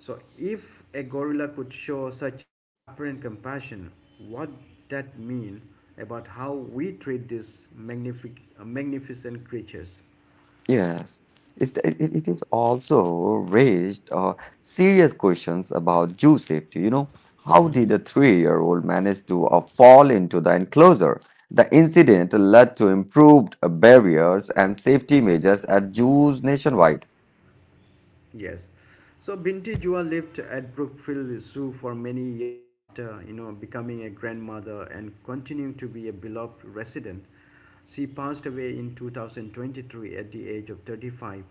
Speaker 1: So, if a gorilla could show such apparent compassion, what that mean about how we treat these magnific- magnificent creatures?
Speaker 2: Yes, it's, it, it it is also raised uh, serious questions about zoo safety. You know, how did a three-year-old manage to uh, fall into the enclosure? The incident led to improved uh, barriers and safety measures at zoos nationwide.
Speaker 1: Yes. So Binti Jua lived at Brookfield Zoo for many years after, you know, becoming a grandmother and continuing to be a beloved resident. She passed away in two thousand twenty-three at the age of thirty-five,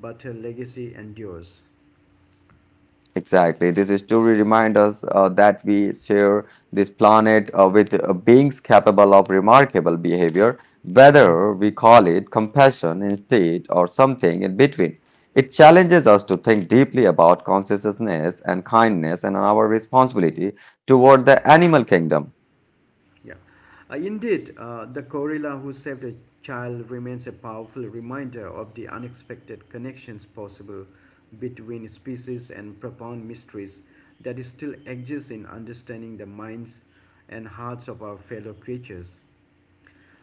Speaker 1: but her legacy endures.
Speaker 2: Exactly. This story reminds us uh, that we share this planet uh, with uh, beings capable of remarkable behavior, whether we call it compassion instead or something in between. It challenges us to think deeply about consciousness and kindness and our responsibility toward the animal kingdom.
Speaker 1: Yeah. Uh, indeed, uh, the gorilla who saved a child remains a powerful reminder of the unexpected connections possible between species and profound mysteries that still exist in understanding the minds and hearts of our fellow creatures.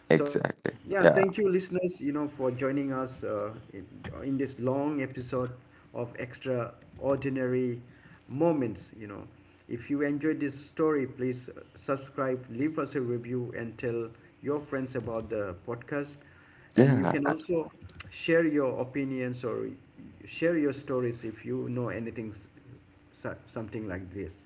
Speaker 1: So
Speaker 2: Exactly.
Speaker 1: yeah,
Speaker 2: Yeah.
Speaker 1: thank you, listeners. You know, for joining us uh, in, in this long episode of extraordinary moments. You know, if you enjoyed this story, please uh, subscribe, leave us a review, and tell your friends about the podcast. And you
Speaker 2: Yeah.
Speaker 1: can also share your opinions or share your stories if you know anything, s- so- something like this.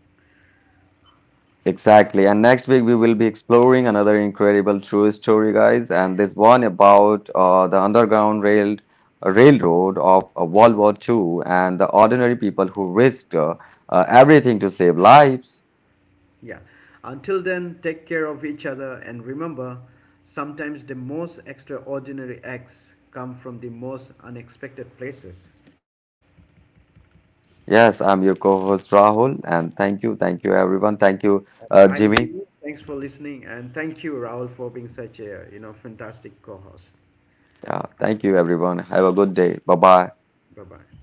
Speaker 2: Exactly. And next week we will be exploring another incredible true story, guys, and this one about uh, the Underground Rail uh, Railroad of uh, World War two and the ordinary people who risked uh, uh, everything to save lives.
Speaker 1: Yeah. Until then, take care of each other and remember, sometimes the most extraordinary acts come from the most unexpected places.
Speaker 2: Yes, I'm your co-host Rahul, and thank you, thank you everyone, thank you uh,
Speaker 1: I'm
Speaker 2: Jimmy.
Speaker 1: Jimmy. Thanks for listening, and thank you Raul for being such a, you know, fantastic co-host.
Speaker 2: Yeah, thank you everyone. Have a good day. Bye bye.
Speaker 1: Bye-bye.